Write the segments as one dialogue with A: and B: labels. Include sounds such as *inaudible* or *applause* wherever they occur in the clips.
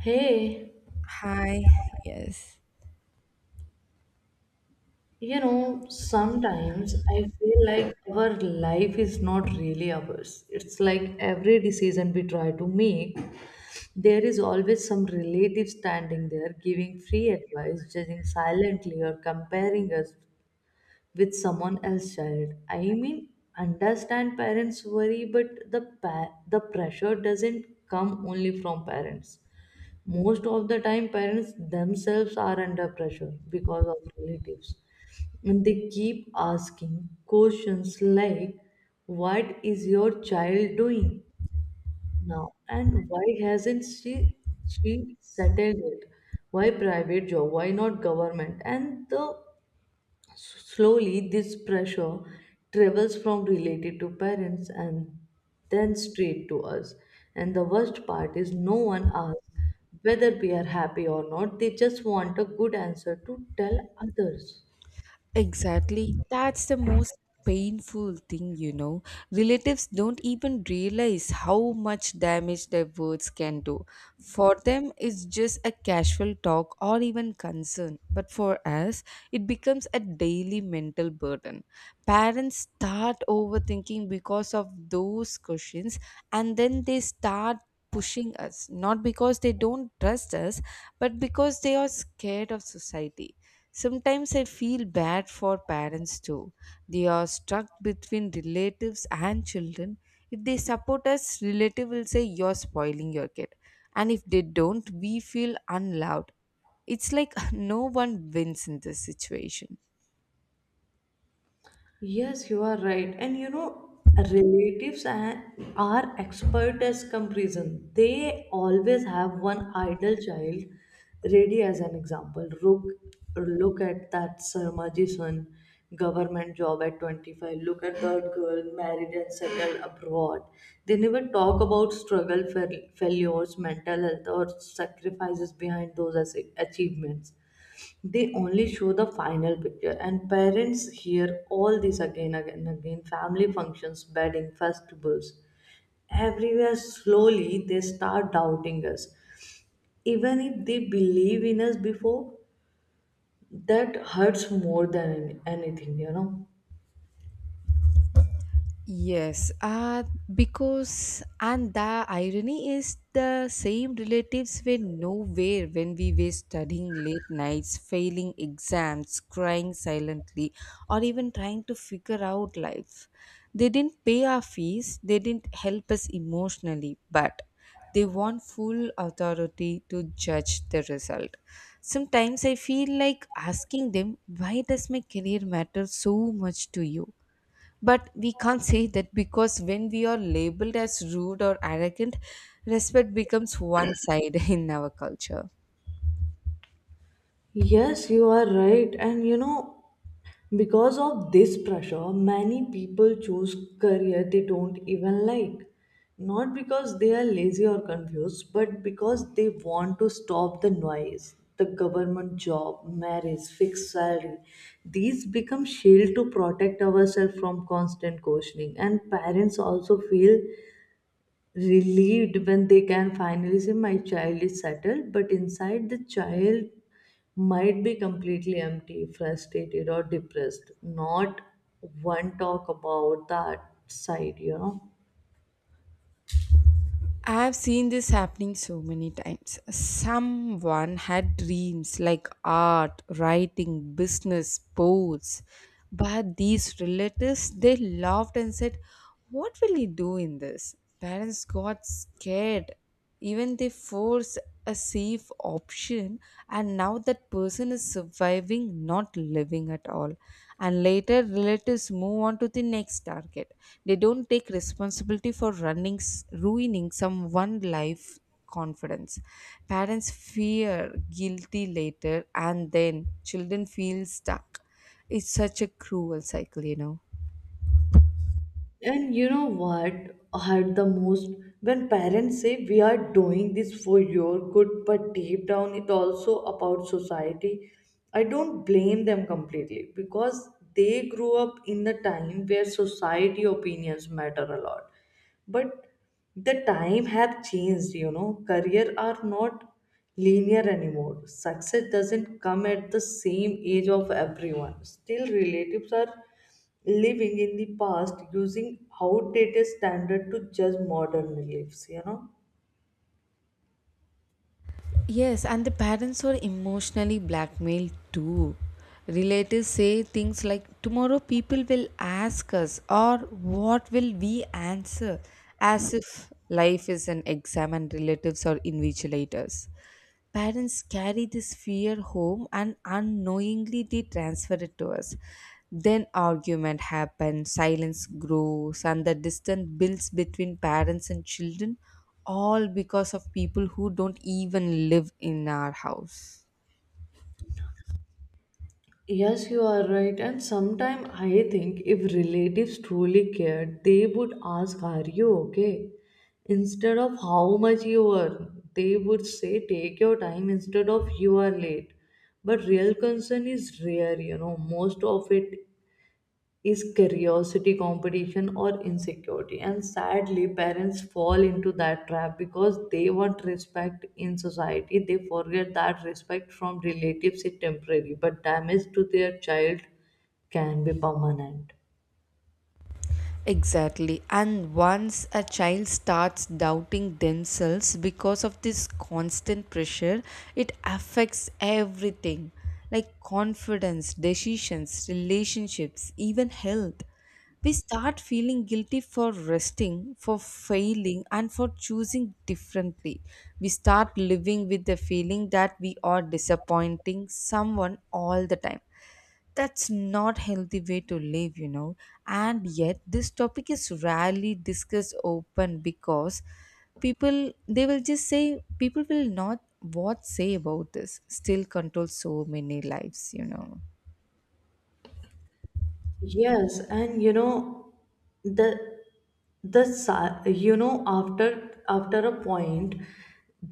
A: Hey,
B: Hi, yes,
A: you know, sometimes I feel like our life is not really ours. It's like every decision we try to make, there is always some relative standing there giving free advice, judging silently, or comparing us with someone else's child. I mean, understand parents' worry, but the pressure doesn't come only from parents. Most of the time, parents themselves are under pressure because of relatives. And they keep asking questions like, what is your child doing now? And why hasn't she settled it? Why private job? Why not government? And slowly, this pressure travels from related to parents and then straight to us. And the worst part is, no one asks whether we are happy or not, they just want a good answer to tell others.
B: exactly. That's the most painful thing, you know. Relatives don't even realize how much damage their words can do. For them, it's just a casual talk or even concern, but for us, it becomes a daily mental burden. Parents start overthinking because of those questions, and then they start pushing us, not because they don't trust us, but because they are scared of society. Sometimes I feel bad for parents too. They are stuck between relatives and children. If they support us, relative will say you're spoiling your kid. And if they don't, we feel unloved. It's like *laughs* no one wins in this situation.
A: Yes, you are right. And you know, relatives a- are expert as comparison. They always have one idol child ready as an example. Look, look at that Sarmaji son, government job at 25. Look at that girl, married and settled abroad. They never talk about struggle, failures, mental health, or sacrifices behind those achievements. They only show the final picture, and parents hear all this again, again, again. Family functions, wedding festivals, everywhere, slowly they start doubting us, even if they believe in us before. That hurts more than anything, you know.
B: Yes, uh, because and the irony is the same relatives were nowhere when we were studying late nights, failing exams, crying silently, or even trying to figure out life. They didn't pay our fees, they didn't help us emotionally, but they want full authority to judge the result. Sometimes I feel like asking them, why does my career matter so much to you? But we can't say that because when we are labeled as rude or arrogant, respect becomes one side *laughs* in our culture.
A: Yes, you are right. And you know, because of this pressure, many people choose career they don't even like. Not because they are lazy or confused, but because they want to stop the noise. The government job, marriage, fixed salary, these become shield to protect ourselves from constant questioning. And parents also feel relieved when they can finally say my child is settled, but inside the child might be completely empty, frustrated, or depressed. Not one talk about that side, you know.
B: I've seen this happening so many times. Someone had dreams like art, writing, business, sports, but these relatives they laughed and said what will he do in this? Parents got scared. Even they forced a safe option, and now that person is surviving, not living at all. And later, relatives move on to the next target. They don't take responsibility for running, ruining someone life confidence. Parents fear guilty later, and then children feel stuck. It's such a cruel cycle, you know.
A: And you know what hurt the most? When parents say we are doing this for your good, but deep down it also about society. I don't blame them completely, because they grew up in the time where society opinions matter a lot. But the time have changed, you know. Career are not linear anymore, success doesn't come at the same age of everyone. Still relatives are living in the past, using outdated standard to judge modern lives, you know.
B: Yes, and the parents were emotionally blackmailed too. Relatives say things like, tomorrow people will ask us, or what will we answer? As if life is an exam and relatives are invigilators. Parents carry this fear home and unknowingly they transfer it to us. Then argument happens, silence grows, and the distance builds between parents and children, all because of people who don't even live in our house.
A: Yes, you are right. And sometimes I think if relatives truly cared, they would ask, are you okay? Instead of how much you earn, they would say, take your time, instead of you are late. But real concern is rare, you know. Most of it is curiosity, competition, or insecurity. And sadly, parents fall into that trap because they want respect in society. They forget that respect from relatives is temporary, but damage to their child can be permanent.
B: Exactly. And once a child starts doubting themselves because of this constant pressure, it affects everything like confidence, decisions, relationships, even health. We start feeling guilty for resting, for failing, and for choosing differently. We start living with the feeling that we are disappointing someone all the time. That's not healthy way to live, you know. And yet this topic is rarely discussed open because people they will just say people will not what say about this still control so many lives, you know.
A: Yes, and you know, the you know, after a point,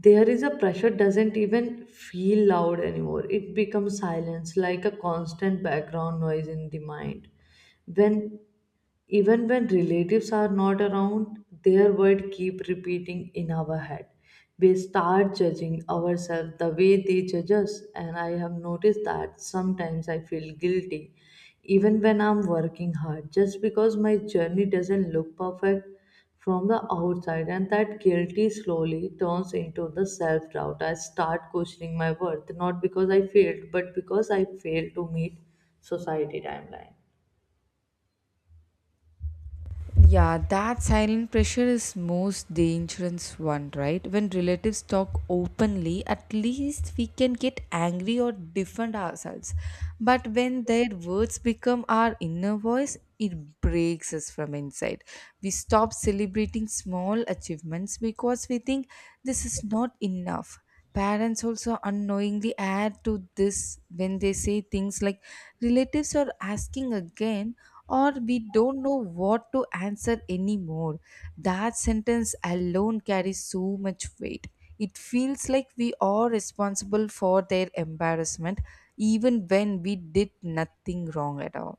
A: there is a pressure doesn't even feel loud anymore. It becomes silence, like a constant background noise in the mind. When Even when relatives are not around, their word keep repeating in our head. We start judging ourselves the way they judge us, and I have noticed that sometimes I feel guilty, even when I'm working hard, just because my journey doesn't look perfect from the outside, and that guilty slowly turns into the self doubt. I start questioning my worth, not because I failed, but because I failed to meet society timeline.
B: Yeah, that silent pressure is most dangerous one, right? When relatives talk openly, at least we can get angry or defend ourselves. But when their words become our inner voice, it breaks us from inside. We stop celebrating small achievements because we think this is not enough. Parents also unknowingly add to this when they say things like relatives are asking again or we don't know what to answer anymore. That sentence alone carries so much weight. It feels like we are responsible for their embarrassment even when we did nothing wrong at all.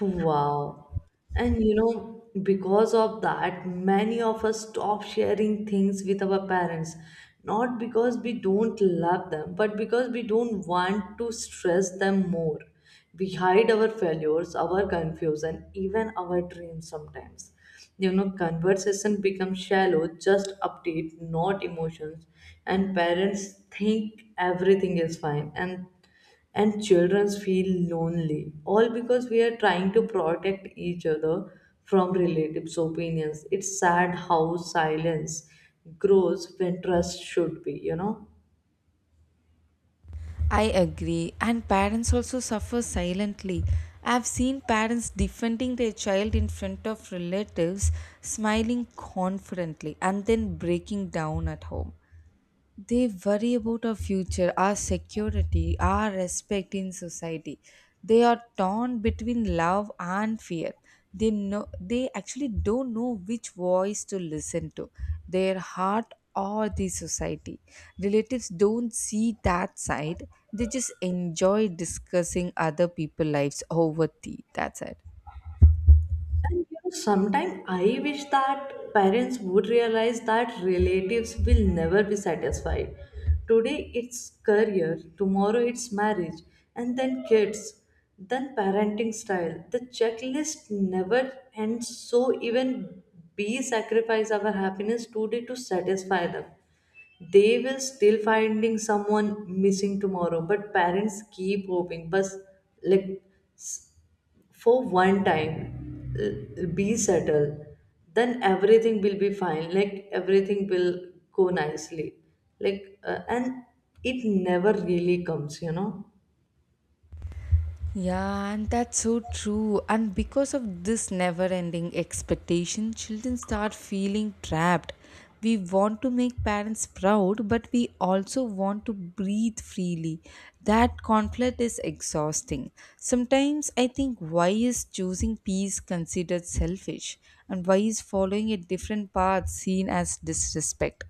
A: Wow. And you know, because of that, many of us stop sharing things with our parents. Not because we don't love them, but because we don't want to stress them more. We hide our failures, our confusion, even our dreams sometimes. You know, conversation becomes shallow, just update, not emotions. And parents think everything is fine. And children feel lonely, all because we are trying to protect each other from relatives opinions. It's sad how silence grows when trust should be, you know.
B: I agree, and parents also suffer silently. I've seen parents defending their child in front of relatives, smiling confidently, and then breaking down at home. They worry about our future, our security, our respect in society. They are torn between love and fear. They know they actually don't know which voice to listen to, their heart or the society. Relatives don't see that side. They just enjoy discussing other people's lives over tea. That's it.
A: And you know, sometimes I wish that parents would realize that relatives will never be satisfied. Today it's career, tomorrow it's marriage, and then kids, then parenting style. The checklist never ends, so even we sacrifice our happiness today to satisfy them, they will still finding someone missing tomorrow, but parents keep hoping. But like, for one time, be settled, then everything will be fine, like everything will go nicely, like and it never really comes, you know.
B: Yeah, and that's so true. And because of this never ending expectation, children start feeling trapped. We want to make parents proud, but we also want to breathe freely. That conflict is exhausting. Sometimes I think why is choosing peace considered selfish, and why is following a different path seen as disrespect?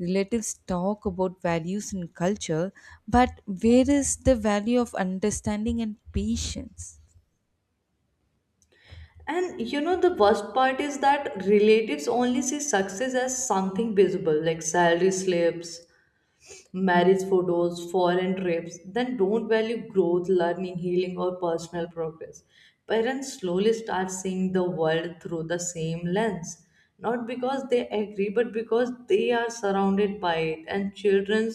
B: Relatives talk about values and culture, but where is the value of understanding and patience?
A: And you know, the worst part is that relatives only see success as something visible, like salary slips, marriage photos, foreign trips. Then don't value growth, learning, healing, or personal progress. Parents slowly start seeing the world through the same lens, not because they agree, but because they are surrounded by it. And children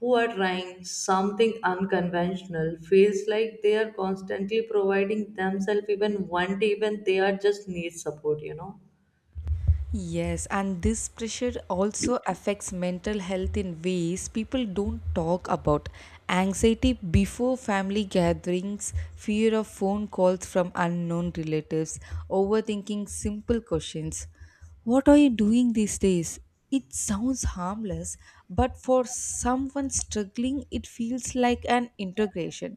A: who are trying something unconventional feels like they are constantly providing themselves, even one day when they are just need support, you know.
B: Yes, and this pressure also affects mental health in ways people don't talk about. Anxiety before family gatherings, fear of phone calls from unknown relatives, overthinking simple questions. What are you doing these days? It sounds harmless, but for someone struggling, it feels like an integration.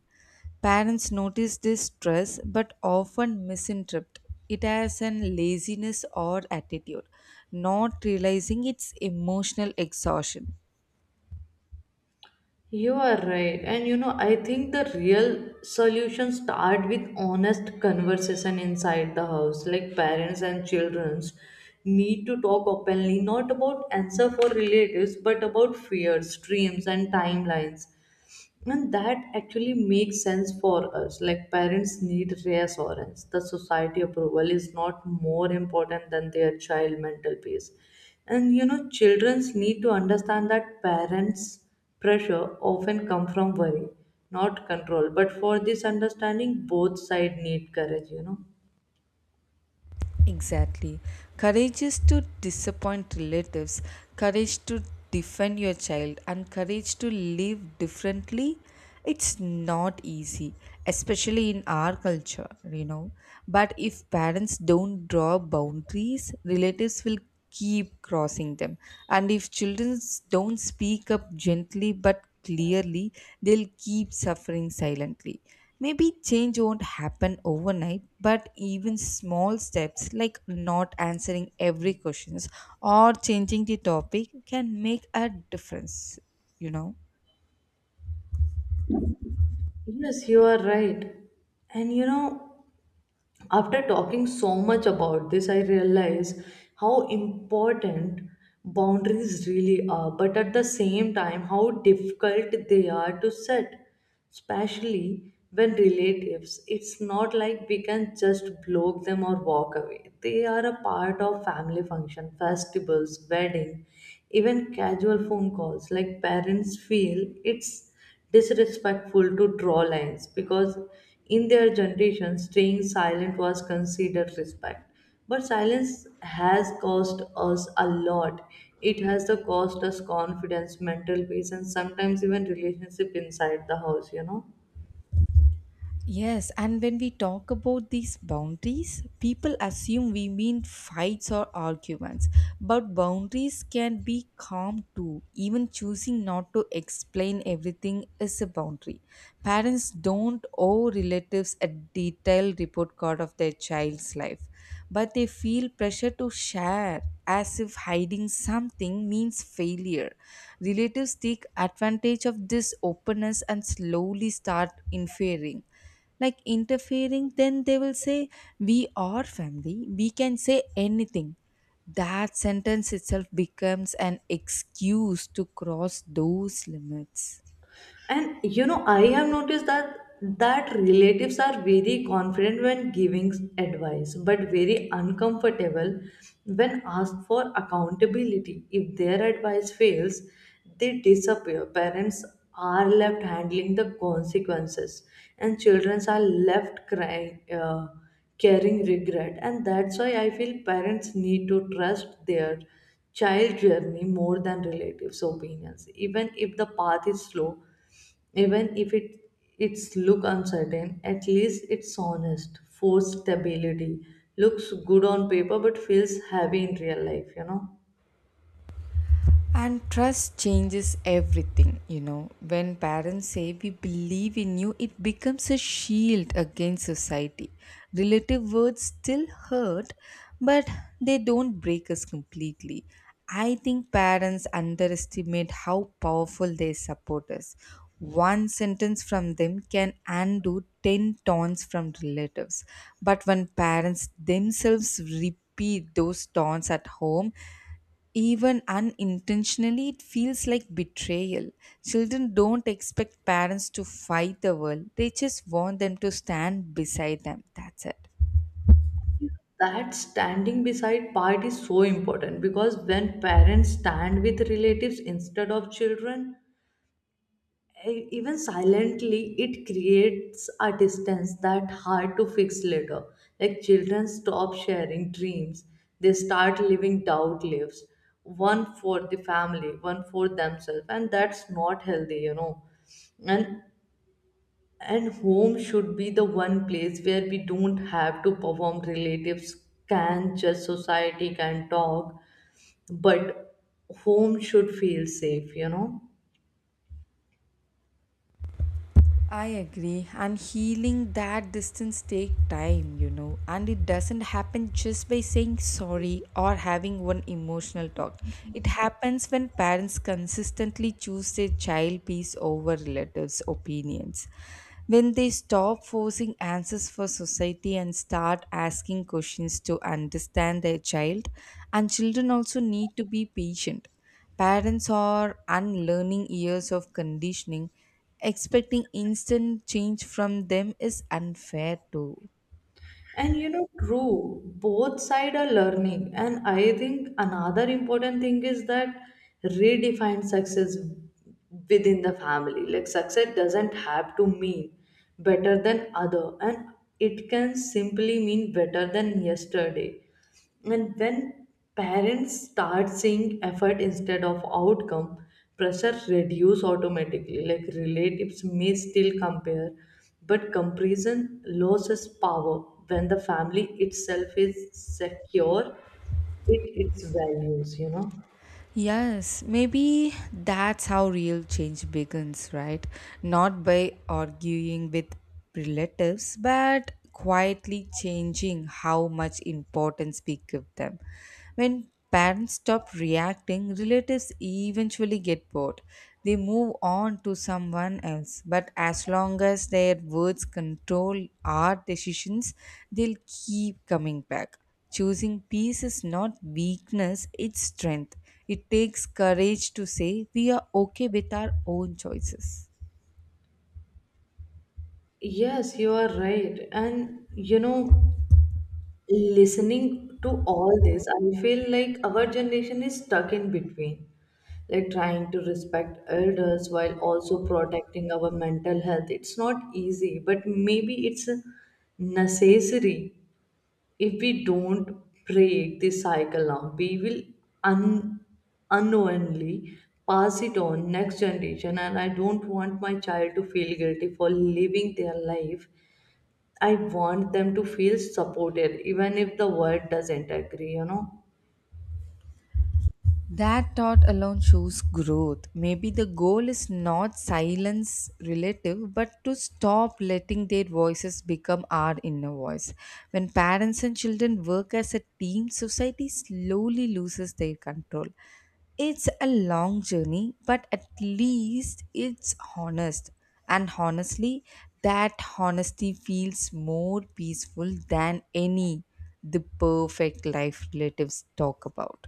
B: Parents notice this stress but often misinterpret it as an laziness or attitude, not realizing it's emotional exhaustion.
A: You are right. And you know, I think the real solution start with honest conversation inside the house. Like parents and childrens need to talk openly, not about answer for relatives, but about fears, dreams and timelines. And that actually makes sense for us. Like parents need reassurance. The society approval is not more important than their child mental peace. And you know, children need to understand that parents' pressure often come from worry, not control. But for this understanding, both side need courage, you know.
B: Exactly. Courage is to disappoint relatives, courage to defend your child, and courage to live differently. It's not easy, especially in our culture, you know. But if parents don't draw boundaries, relatives will keep crossing them. And if children don't speak up gently but clearly, they'll keep suffering silently. Maybe change won't happen overnight, but even small steps like not answering every questions or changing the topic can make a difference, you know.
A: Yes, you are right. And you know, after talking so much about this, I realize how important boundaries really are, but at the same time how difficult they are to set, especially when relatives. It's not like we can just block them or walk away. They are a part of family function, festivals, wedding, even casual phone calls. Like parents feel it's disrespectful to draw lines, because in their generation staying silent was considered respect. But silence has cost us a lot. It has the cost us confidence, mental peace, and sometimes even relationship inside the house, you know.
B: Yes, and when we talk about these boundaries, people assume we mean fights or arguments. But boundaries can be calm too. Even choosing not to explain everything is a boundary. Parents don't owe relatives a detailed report card of their child's life, but they feel pressure to share as if hiding something means failure. Relatives take advantage of this openness and slowly start inferring like interfering, then they will say, we are family, we can say anything. That sentence itself becomes an excuse to cross those limits.
A: And you know, I have noticed that relatives are very confident when giving advice, but very uncomfortable when asked for accountability. If their advice fails, they disappear. Parents are left handling the consequences, and children are left crying. Carrying regret, and that's why I feel parents need to trust their child journey more than relatives opinions, even if the path is slow, even if it's look uncertain, at least it's honest. Forced stability looks good on paper but feels heavy in real life, you know.
B: And trust changes everything, you know. When parents say we believe in you, it becomes a shield against society. Relative words still hurt, but they don't break us completely. I think parents underestimate how powerful their support is. One sentence from them can undo 10 taunts from relatives. But when parents themselves repeat those taunts at home, even unintentionally, it feels like betrayal. Children don't expect parents to fight the world, they just want them to stand beside them. That's it.
A: That standing beside part is so important, because when parents stand with relatives instead of children, even silently, it creates a distance that hard to fix later. Like children stop sharing dreams, they start living doubt lives, one for the family, one for themselves, and that's not healthy, you know. and and home should be the one place where we don't have to perform. Relatives can just, society can talk, but home should feel safe, you know.
B: I agree. And healing that distance take time, you know. And it doesn't happen just by saying sorry or having one emotional talk. It happens when parents consistently choose their child peace over relatives' opinions. When they stop forcing answers for society and start asking questions to understand their child, and children also need to be patient. Parents are unlearning years of conditioning. Expecting instant change from them is unfair too.
A: And you know, true, both side are learning. And I think another important thing is that redefine success within the family. Like success doesn't have to mean better than other, and it can simply mean better than yesterday. And when parents start seeing effort instead of outcome, pressure reduce automatically. Like relatives may still compare, but comparison loses power when the family itself is secure it its values, you know.
B: Yes, maybe that's how real change begins, right? Not by arguing with relatives, but quietly changing how much importance we give them. When parents stop reacting, relatives eventually get bored. They move on to someone else, but as long as their words control our decisions, they'll keep coming back. Choosing peace is not weakness, it's strength. It takes courage to say we are okay with our own choices.
A: Yes, you are right. And you know, listening to all this, I feel like our generation is stuck in between, like trying to respect elders while also protecting our mental health. It's not easy, but maybe it's necessary. If we don't break this cycle now, we will un- unknowingly pass it on next generation, and I don't want my child to feel guilty for living their life. I want them to feel supported, even if the world doesn't agree, you know.
B: That thought alone shows growth. Maybe the goal is not silence relative, but to stop letting their voices become our inner voice. When parents and children work as a team, society slowly loses their control. It's a long journey, but at least it's honest. And honestly, that honesty feels more peaceful than any the perfect life relatives talk about.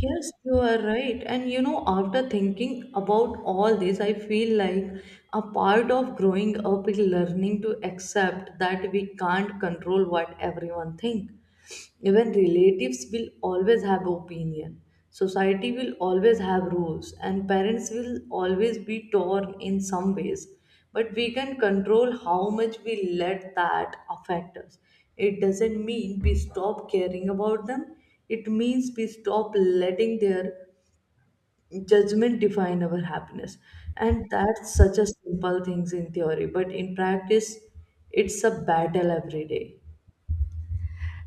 A: Yes, you are right. And you know, after thinking about all this, I feel like a part of growing up is learning to accept that we can't control what everyone thinks. Even relatives will always have opinion. Society will always have rules, and parents will always be torn in some ways. But we can control how much we let that affect us. It doesn't mean we stop caring about them, it means we stop letting their judgment define our happiness. And that's such a simple things in theory, but in practice, it's a battle every day.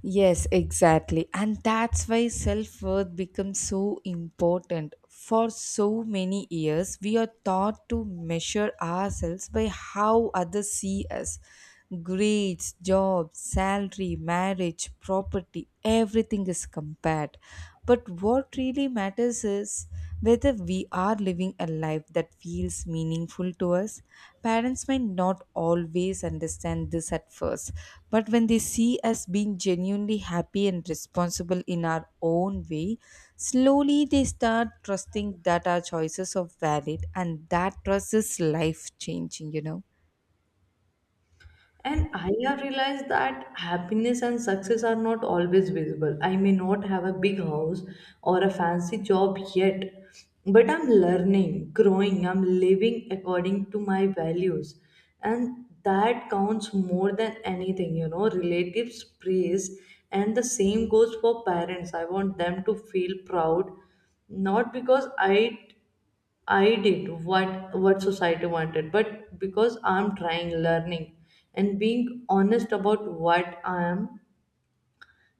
B: Yes, exactly. And that's why self worth becomes so important. For so many years, we are taught to measure ourselves by how others see us: grades, job, salary, marriage, property, everything is compared. But what really matters is us, whether we are living a life that feels meaningful to us. Parents might not always understand this at first, but when they see us being genuinely happy and responsible in our own way, slowly they start trusting that our choices are valid, and that trust is life changing, you know.
A: And I have realized that happiness and success are not always visible. I may not have a big house or a fancy job yet, but I'm learning, growing, I'm living according to my values. And that counts more than anything, you know. Relatives praise, and the same goes for parents. I want them to feel proud, not because I did what society wanted, but because I'm trying, learning and being honest about what I am,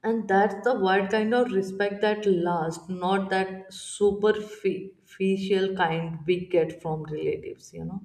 A: and that's the what kind of respect that lasts, not that superficial kind we get from relatives, you know.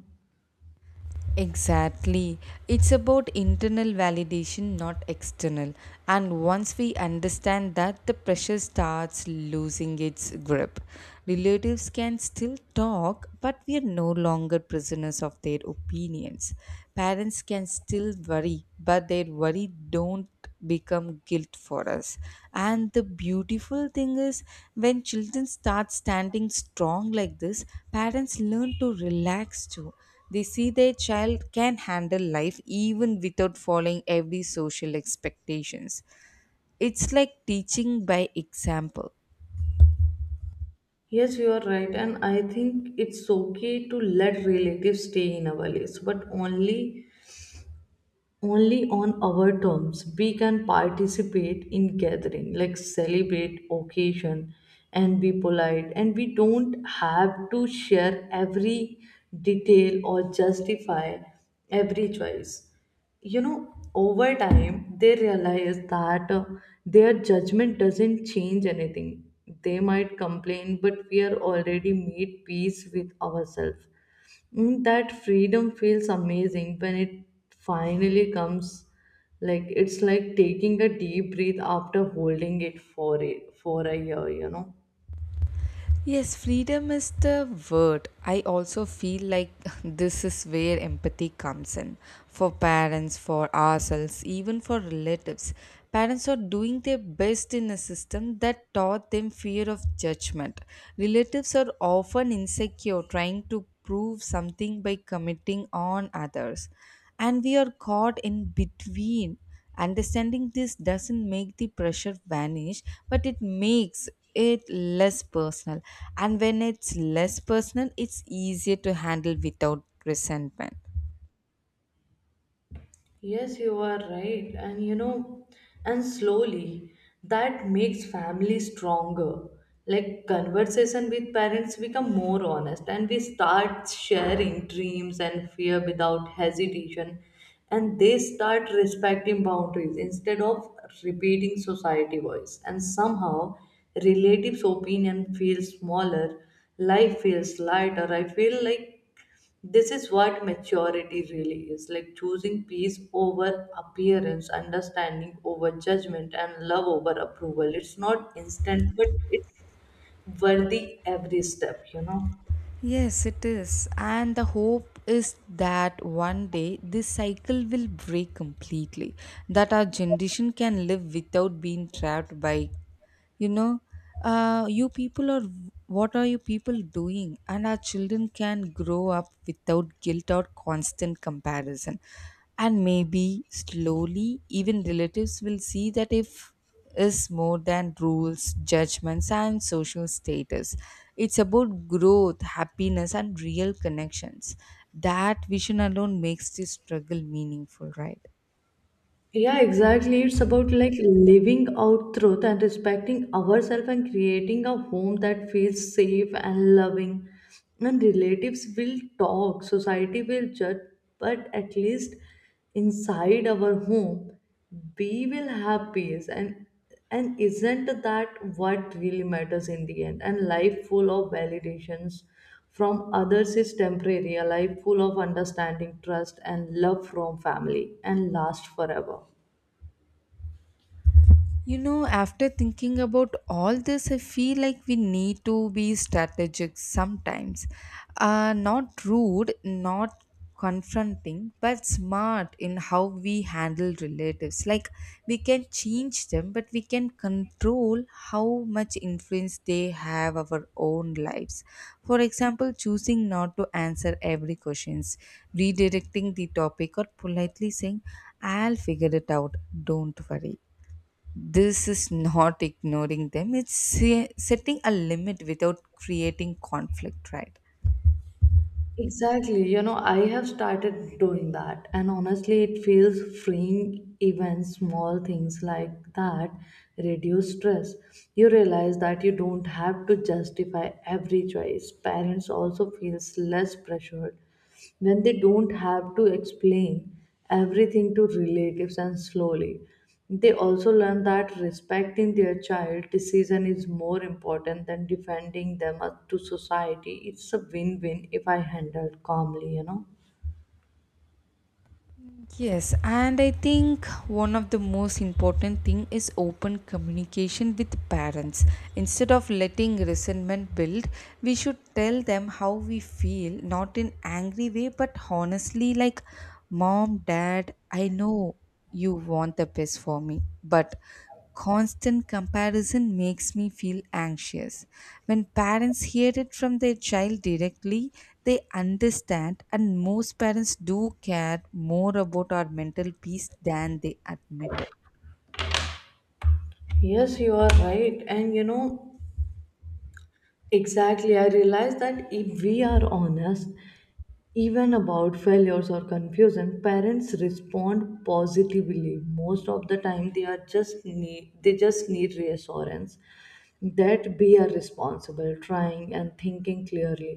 B: Exactly. It's about internal validation, not external. And once we understand that, the pressure starts losing its grip. Relatives can still talk, but we are no longer prisoners of their opinions. Parents can still worry, but their worry don't become guilt for us. And the beautiful thing is when children start standing strong like this, parents learn to relax too. They see their child can handle life even without following every social expectations. It's like teaching by example.
A: Yes, you are right, and I think it's okay to let relatives stay in our lives, but only on our terms. We can participate in gathering like celebrate occasion and be polite, and we don't have to share every detail or justify every choice, you know. Over time they realize that their judgment doesn't change anything. They might complain, but we are already made peace with ourselves. Mm, that freedom feels amazing when it finally comes. Like it's like taking a deep breath after holding it for a year, you know.
B: Yes, freedom is the word. I also feel like *laughs* this is where empathy comes in for parents, for ourselves, even for relatives. Parents are doing their best in a system that taught them fear of judgment. Relatives are often insecure, trying to prove something by committing on others. And we are caught in between. Understanding this doesn't make the pressure vanish, but it makes it less personal. And when it's less personal, it's easier to handle without resentment.
A: Yes, you are right. And you know, and slowly that makes family stronger. Like conversation with parents become more honest, and we start sharing dreams and fear without hesitation, and they start respecting boundaries instead of repeating society voice. And somehow relatives opinion feels smaller, life feels lighter. I feel like this is what maturity really is, like choosing peace over appearance, understanding over judgment, and love over approval. It's not instant, but it's worthy every step, you know.
B: Yes, it is. And the hope is that one day this cycle will break completely, that our generation can live without being trapped by, you know, you people are, what are you people doing? And our children can grow up without guilt or constant comparison. And maybe slowly, even relatives will see that if is more than rules, judgments, and social status. It's about growth, happiness, and real connections. That vision alone makes this struggle meaningful, right?
A: Yeah, exactly. It's about like living out truth and respecting ourselves and creating a home that feels safe and loving. And relatives will talk, society will judge, but at least inside our home, we will have peace. And isn't that what really matters in the end? And life full of validations from others is temporary. A life full of understanding, trust and love from family and last forever.
B: You know, after thinking about all this, I feel like we need to be strategic sometimes. Not rude, not confronting, but smart in how we handle relatives. Like, we can change them, but we can control how much influence they have our own lives. For example, choosing not to answer every questions, redirecting the topic, or politely saying, I'll figure it out, don't worry. This is not ignoring them, it's setting a limit without creating conflict, right?
A: Exactly. You know, I have started doing that, and honestly, it feels freeing. Even small things like that reduce stress. You realize that you don't have to justify every choice. Parents also feels less pressured when they don't have to explain everything to relatives, and slowly they also learn that respecting their child decision is more important than defending them up to society. It's a win-win if I handled calmly, you know.
B: Yes, and I think one of the most important thing is open communication with parents. Instead of letting resentment build, we should tell them how we feel, not in angry way, but honestly like mom, dad, I know you want the best for me, but constant comparison makes me feel anxious. When parents hear it from their child directly, they understand, and most parents do care more about our mental peace than they admit it.
A: Yes, you are right. And you know, exactly, I realize that if we are honest, even about failures or confusion, parents respond positively. Most of the time, they just need reassurance that we are responsible, trying and thinking clearly.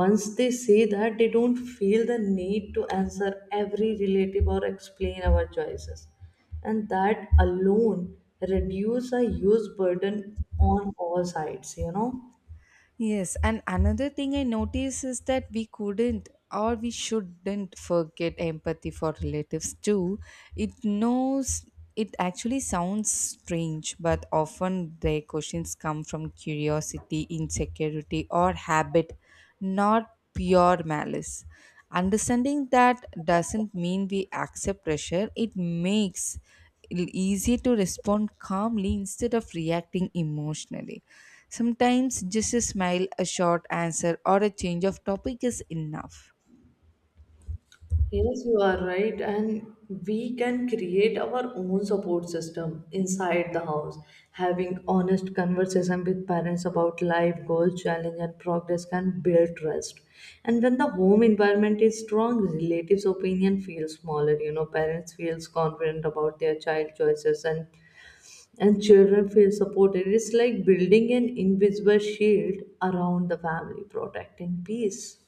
A: Once they see that, they don't feel the need to answer every relative or explain our choices, and that alone reduce a huge burden on all sides. You know.
B: Yes, and another thing I notice is that we couldn't or we shouldn't forget empathy for relatives too. It knows it actually sounds strange, but often their questions come from curiosity, insecurity, or habit, not pure malice. Understanding that doesn't mean we accept pressure, it makes easier to respond calmly instead of reacting emotionally. Sometimes just a smile, a short answer, or a change of topic is enough.
A: Yes, you are right, and we can create our own support system inside the house. Having honest conversation with parents about life goals, challenge, and progress can build trust. And when the home environment is strong, relatives' opinion feels smaller. You know, parents feels confident about their child choices, and children feel supported. It's like building an invisible shield around the family, protecting peace.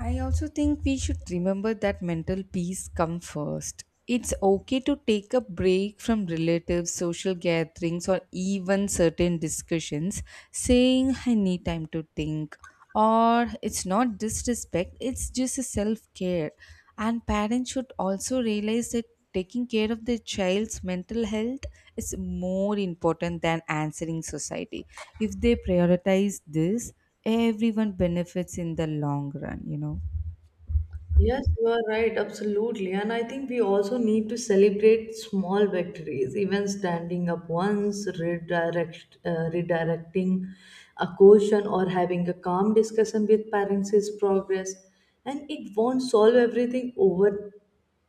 B: I also think we should remember that mental peace comes first. It's okay to take a break from relatives, social gatherings, or even certain discussions, saying, I need time to think. Or it's not disrespect, it's just a self care. And parents should also realize that taking care of the child's mental health is more important than answering society. If they prioritize this, everyone benefits in the long run, you know.
A: Yes, you are right, absolutely. And I think we also need to celebrate small victories, even standing up once, redirecting a question, or having a calm discussion with parents is progress. And it won't solve everything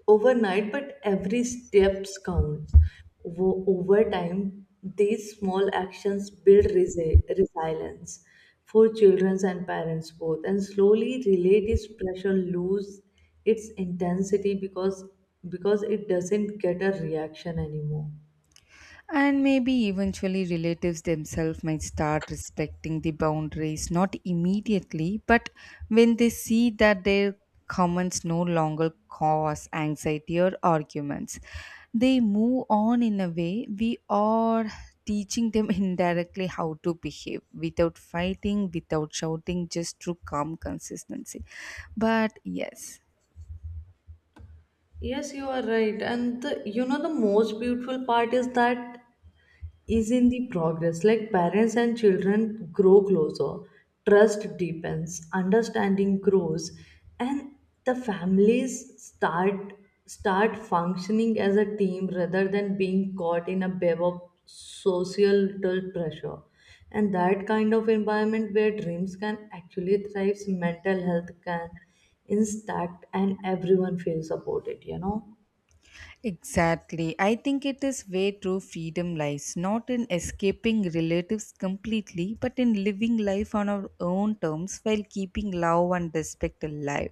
A: overnight, but every steps counts. Over time, these small actions build resilience for children and parents both, and slowly relative pressure lose its intensity because it doesn't get a reaction anymore.
B: And maybe eventually relatives themselves might start respecting the boundaries, not immediately, but when they see that their comments no longer cause anxiety or arguments, they move on. In a way we are teaching them *laughs* indirectly how to behave without fighting, without shouting, just through calm consistency. But yes.
A: Yes, you are right. And the, you know, the most beautiful part is that is in the progress. Like parents and children grow closer, trust deepens, understanding grows, and the families start functioning as a team rather than being caught in a web of societal pressure. And that kind of environment where dreams can actually thrive, mental health can intact, and everyone feels supported. You know.
B: Exactly. I think it is where true freedom lies, not in escaping relatives completely, but in living life on our own terms while keeping love and respect alive.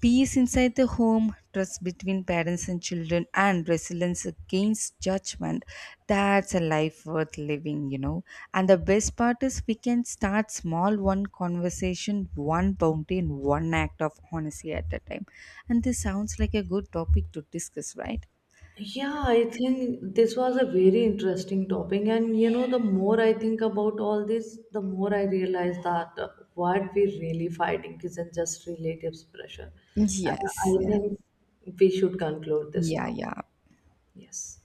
B: Peace inside the home, trust between parents and children, and resilience against judgment. That's a life worth living, you know. And the best part is we can start small: one conversation, one bounty, and one act of honesty at a time. And this sounds like a good topic to discuss, right?
A: Yeah, I think this was a very interesting topic, and you know, the more I think about all this, the more I realize that what we're really fighting isn't just relatives' pressure.
B: Yes,
A: I
B: yeah.
A: think we should conclude this
B: Yeah,
A: now.
B: yeah.
A: Yes.